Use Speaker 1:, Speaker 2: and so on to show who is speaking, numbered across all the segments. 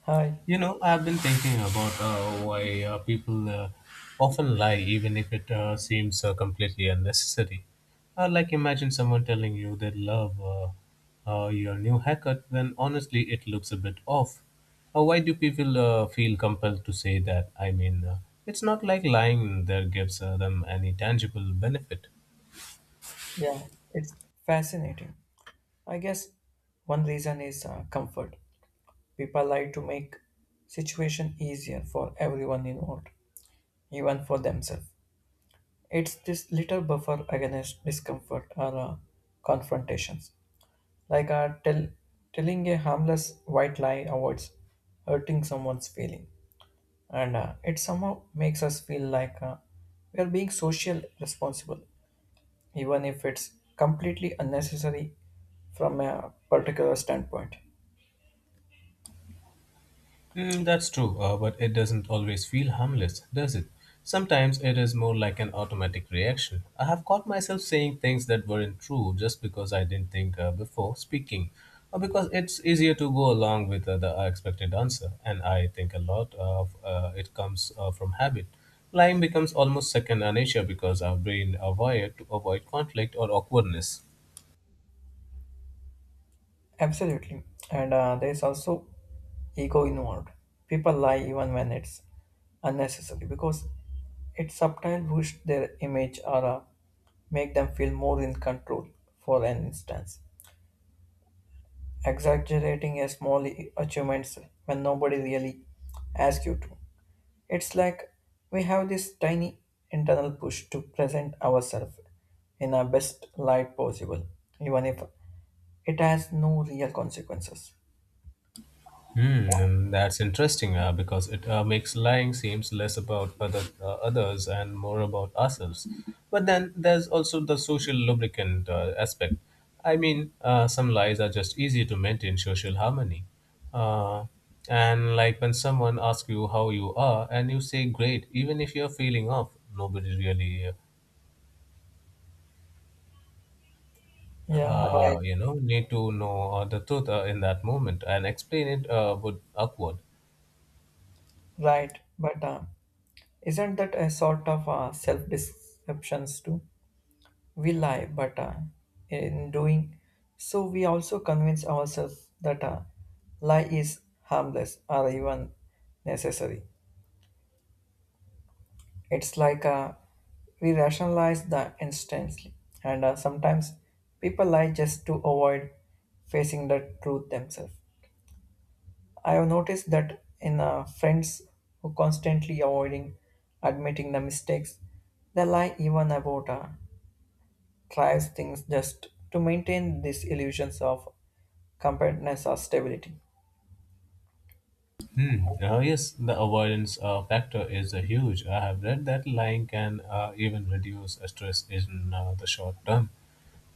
Speaker 1: Hi.
Speaker 2: You know, I've been thinking about why people often lie, even if it seems completely unnecessary. Like, imagine someone telling you they love your new haircut, when honestly it looks a bit off. Why do people feel compelled to say that? I mean, it's not like lying there gives them any tangible benefit.
Speaker 1: Yeah, it's fascinating. I guess one reason is comfort. People like to make situation easier for everyone involved, even for themselves. It's this little buffer against discomfort or confrontations. Like telling a harmless white lie avoids hurting someone's feeling, and it somehow makes us feel like we are being social responsible even if it's completely unnecessary from a particular standpoint.
Speaker 2: Mm, that's true, but it doesn't always feel harmless, does it? Sometimes it is more like an automatic reaction. I have caught myself saying things that weren't true just because I didn't think before speaking, or because it's easier to go along with the expected answer. And I think a lot of it comes from habit. Lying becomes almost second nature because our brain wired to avoid conflict or awkwardness.
Speaker 1: Absolutely. And there's also ego involved. People lie even when it's unnecessary because it subtle boost their image or make them feel more in control for an instance. Exaggerating a small achievements when nobody really asks you to. It's like we have this tiny internal push to present ourselves in our best light possible, even if it has no real consequences.
Speaker 2: Hmm, and that's interesting because it makes lying seems less about others and more about ourselves. But then there's also the social lubricant aspect. I mean, some lies are just easy to maintain social harmony. Uh, and like when someone asks you how you are and you say great, even if you're feeling off, nobody really,
Speaker 1: Yeah, right.
Speaker 2: uh, you know, need to know the truth in that moment and explain it would awkward.
Speaker 1: Right. But isn't that a sort of self deceptions too? We lie, but in doing so, we also convince ourselves that lie is harmless or even necessary. It's like we rationalize the instantly, and sometimes people lie just to avoid facing the truth themselves. I have noticed that in friends who constantly avoiding admitting the mistakes, they lie even about tries things just to maintain these illusions of compactness or stability.
Speaker 2: Hmm. Yes, the avoidance factor is huge. I have read that lying can even reduce stress in the short term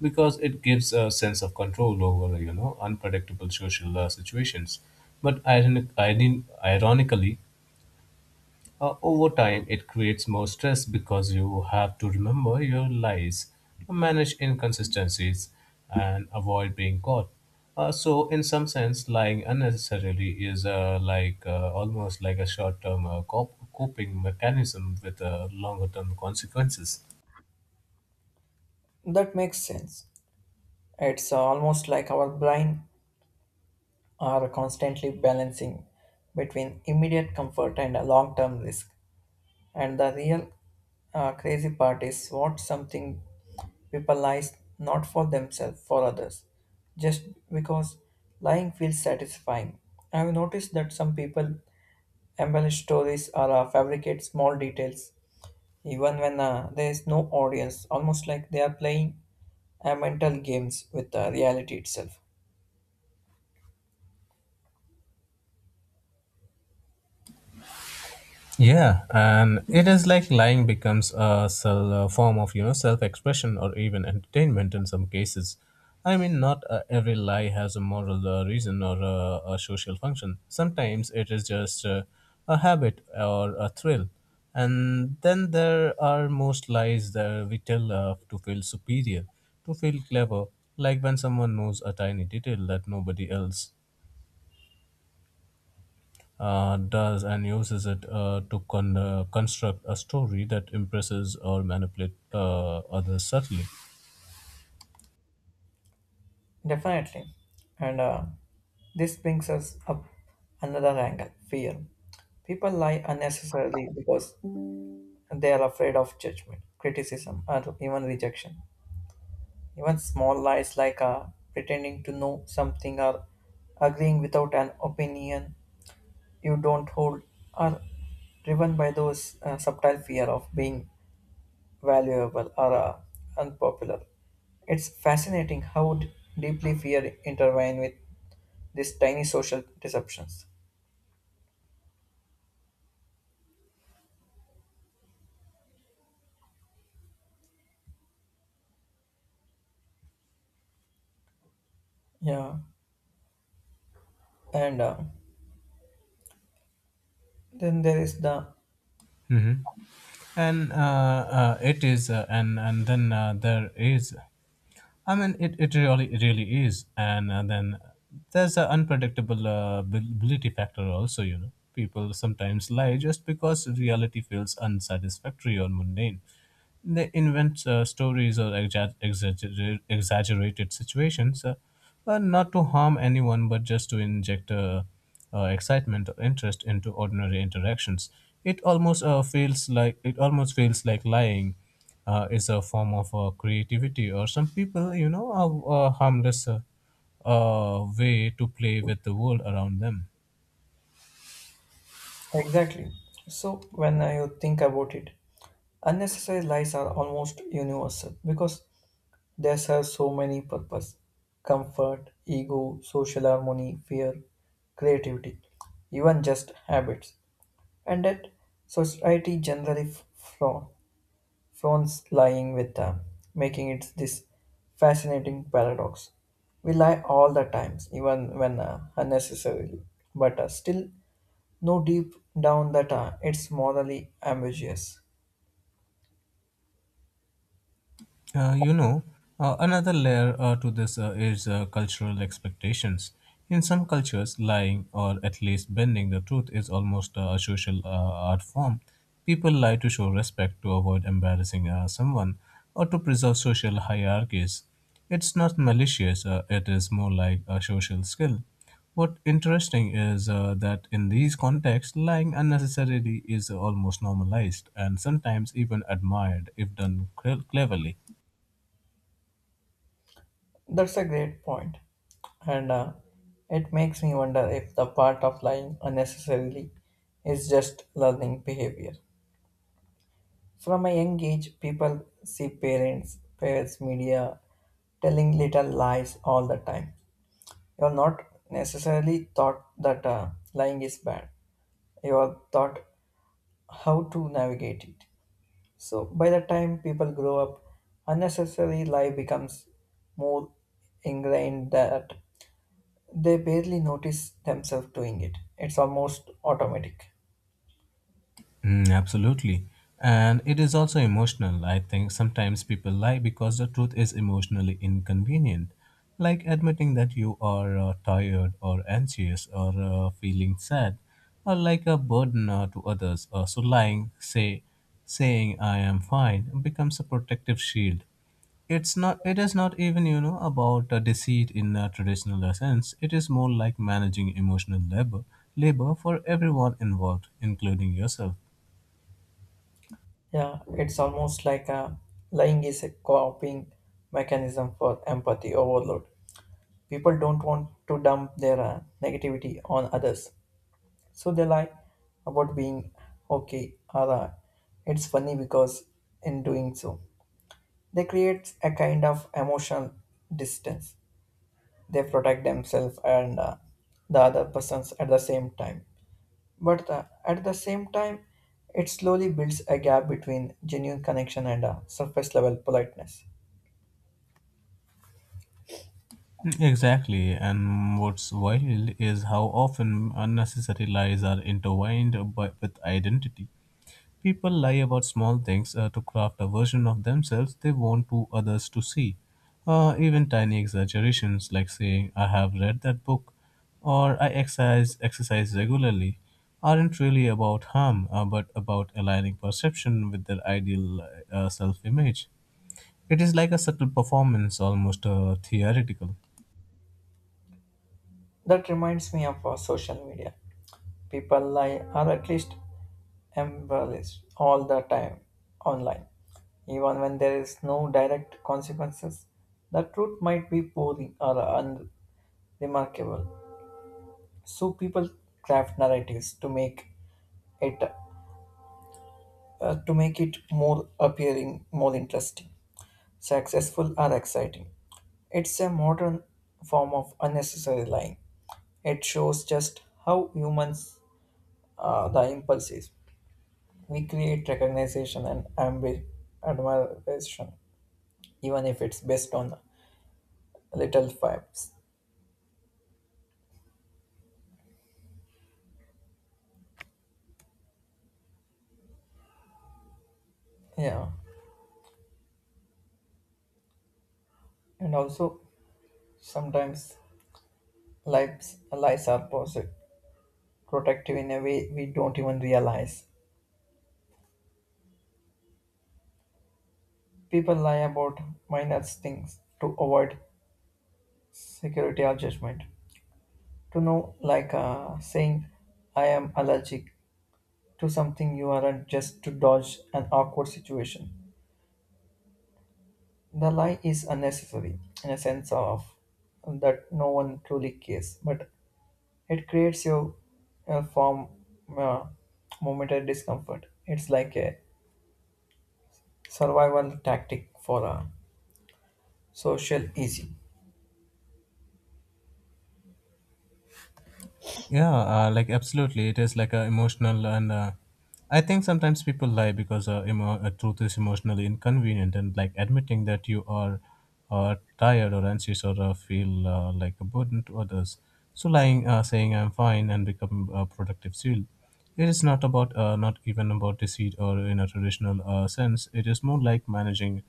Speaker 2: because it gives a sense of control over you know unpredictable social situations. But ironically, over time, it creates more stress because you have to remember your lies, manage inconsistencies, and avoid being caught. So, in some sense, lying unnecessarily is like almost like a short-term coping mechanism with longer-term consequences.
Speaker 1: That makes sense. It's almost like our brain are constantly balancing between immediate comfort and a long-term risk. And the real crazy part is what something people lie not for themselves, for others, just because lying feels satisfying. I've noticed that some people embellish stories or fabricate small details even when there is no audience, almost like they are playing mental games with reality itself.
Speaker 2: Yeah, and it is like lying becomes a form of you know self-expression or even entertainment in some cases. I mean, not every lie has a moral reason or a social function. Sometimes it is just a habit or a thrill. And then there are most lies that we tell to feel superior, to feel clever, like when someone knows a tiny detail that nobody else does and uses it to construct a story that impresses or manipulate others subtly.
Speaker 1: Definitely. And this brings us up another angle fear. People lie unnecessarily because they are afraid of judgment, criticism, or even rejection. Even small lies like pretending to know something or agreeing without an opinion you don't hold are driven by those subtle fear of being valuable or unpopular. It's fascinating how deeply fear intertwine with these tiny social disruptions. Yeah, and then there is the
Speaker 2: Mhm. And it is, and then there is I mean, it, it really is, and, then there's an unpredictable ability factor also. You know, people sometimes lie just because reality feels unsatisfactory or mundane. They invent stories or exaggerated situations, not to harm anyone, but just to inject excitement or interest into ordinary interactions. It almost feels like lying is a form of creativity or some people you know have a harmless way to play with the world around them.
Speaker 1: exactly. So when you think about it, unnecessary lies are almost universal because they serve so many purposes: comfort, ego, social harmony, fear, creativity, even just habits, and that society generally flaw phones lying with time, making it this fascinating paradox. We lie all the times, even when unnecessarily, but still know deep down that it's morally ambiguous.
Speaker 2: Uh, you know, Another layer to this is cultural expectations. In some cultures, lying or at least bending the truth is almost a social art form. People lie to show respect, to avoid embarrassing someone, or to preserve social hierarchies. It's not malicious, it is more like a social skill. What interesting is that in these contexts, lying unnecessarily is almost normalized and sometimes even admired if done cleverly.
Speaker 1: That's a great point, and it makes me wonder if the part of lying unnecessarily is just learning behavior. From a young age, people see parents, peers, media telling little lies all the time. You are not necessarily taught that lying is bad. You are taught how to navigate it. So by the time people grow up, unnecessary lie becomes more ingrained that they barely notice themselves doing it. It's almost automatic.
Speaker 2: Mm, absolutely. And it is also emotional. I think sometimes people lie because the truth is emotionally inconvenient, like admitting that you are tired or anxious or feeling sad or like a burden to others. So saying I am fine becomes a protective shield. It is not even, you know, about deceit in a traditional sense. It is more like managing emotional labor for everyone involved, including yourself.
Speaker 1: Yeah, it's almost like a lying is a coping mechanism for empathy overload. People don't want to dump their negativity on others, so they lie about being okay or it's funny because in doing so, they create a kind of emotional distance. They protect themselves and the other persons at the same time. But at the same time, it slowly builds a gap between genuine connection and surface level politeness.
Speaker 2: Exactly, and what's wild is how often unnecessary lies are with identity. People lie about small things to craft a version of themselves they want to others to see. Even tiny exaggerations like saying, I have read that book or I exercise regularly aren't really about harm but about aligning perception with their ideal self image. It is like a subtle performance, almost theoretical.
Speaker 1: That reminds me of social media. People lie, or at least embarrassed all the time online, even when there is no direct consequences. The truth might be boring or unremarkable, so people craft narratives to make it to make it more appearing, more interesting, successful, or exciting. It's a modern form of unnecessary lying. It shows just how humans the impulse is. We create recognition and admiration, even if it's based on little facts. Yeah, and also sometimes lies are protective in a way we don't even realize. People lie about minor things to avoid security or judgment. To know, like saying, "I am allergic to something," you aren't just to dodge an awkward situation. The lie is unnecessary in a sense of that no one truly cares, but it creates you a form uh, momentary discomfort. It's like a survival tactic for a social easy,
Speaker 2: Yeah, like absolutely, it is like a emotional, and I think sometimes people lie because truth is emotionally inconvenient, and like admitting that you are tired or anxious or feel like a burden to others. So saying I'm fine, and become a productive shield. It is not about, not even about deceit or in a traditional sense. It is more like managing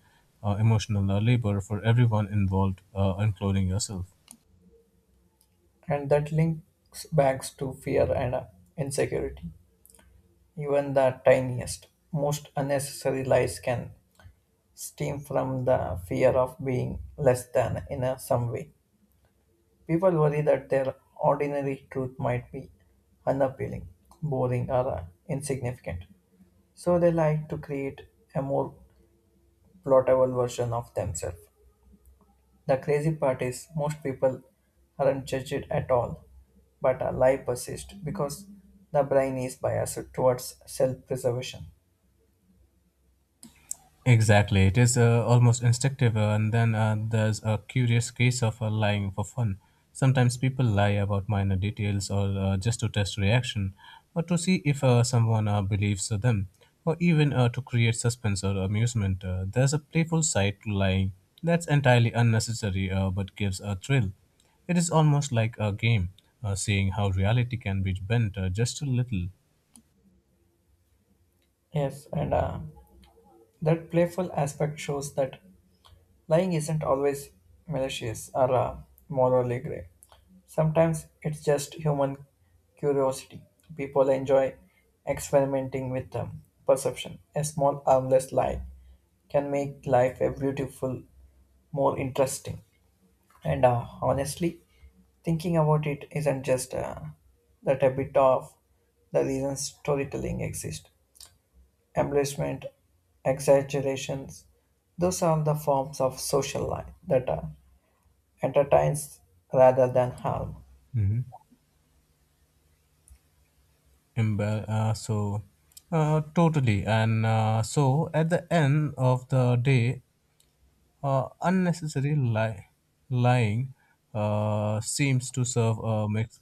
Speaker 2: emotional labor for everyone involved, including yourself.
Speaker 1: and that links back to fear and insecurity. Even the tiniest, most unnecessary lies can stem from the fear of being less than in a, some way. People worry that their ordinary truth might be unappealing, boring, or insignificant. So they like to create a more plottable version of themselves. The crazy part is most people aren't judged at all, but a lie persists because the brain is biased towards self preservation.
Speaker 2: Exactly, it is almost instinctive, and then there's a curious case of lying for fun. Sometimes people lie about minor details or just to test reaction, or to see if someone believes them, or even to create suspense or amusement. There's a playful side to lying that's entirely unnecessary but gives a thrill. It is almost like a game, seeing how reality can be bent just a little.
Speaker 1: Yes, and that playful aspect shows that lying isn't always malicious or morally grey. Sometimes it's just human curiosity. People enjoy experimenting with perception. A small, harmless lie can make life a beautiful, more interesting. And honestly, thinking about it isn't just that a bit of the reason storytelling exists embellishment, exaggerations, those are the forms of social life that entertains rather than harm.
Speaker 2: Mhm. Embe- so totally and so at the end of the day unnecessary lie- lying seems to serve a mix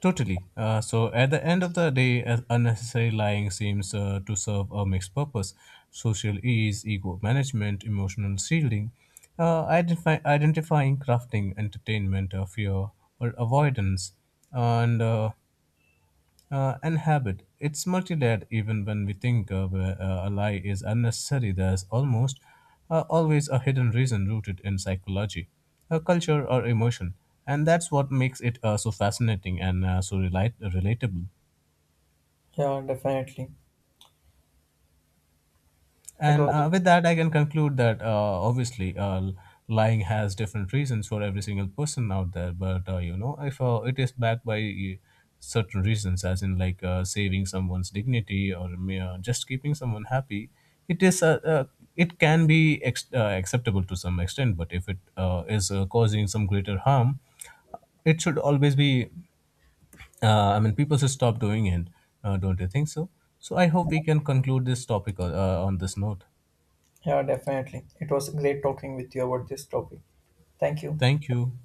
Speaker 2: totally so at the end of the day unnecessary lying seems to serve a mixed purpose, social ease, ego management, emotional shielding, identifying, crafting, entertainment, fear or avoidance, and uh, and habit. It's multi-layered even when we think of a lie is unnecessary. There's almost always a hidden reason rooted in psychology, culture, or emotion. And that's what makes it so fascinating and so relatable.
Speaker 1: Yeah, definitely. It
Speaker 2: And
Speaker 1: was
Speaker 2: with that, I can conclude that obviously lying has different reasons for every single person out there. But you know, if it is backed by certain reasons, as in like saving someone's dignity or just keeping someone happy, it is it can be acceptable to some extent. But if it is causing some greater harm, it should always be. I mean, people should stop doing it. Don't you think so? So I hope we can conclude this topic on this note.
Speaker 1: yeah, definitely. It was great talking with you about this topic. Thank you.
Speaker 2: Thank you.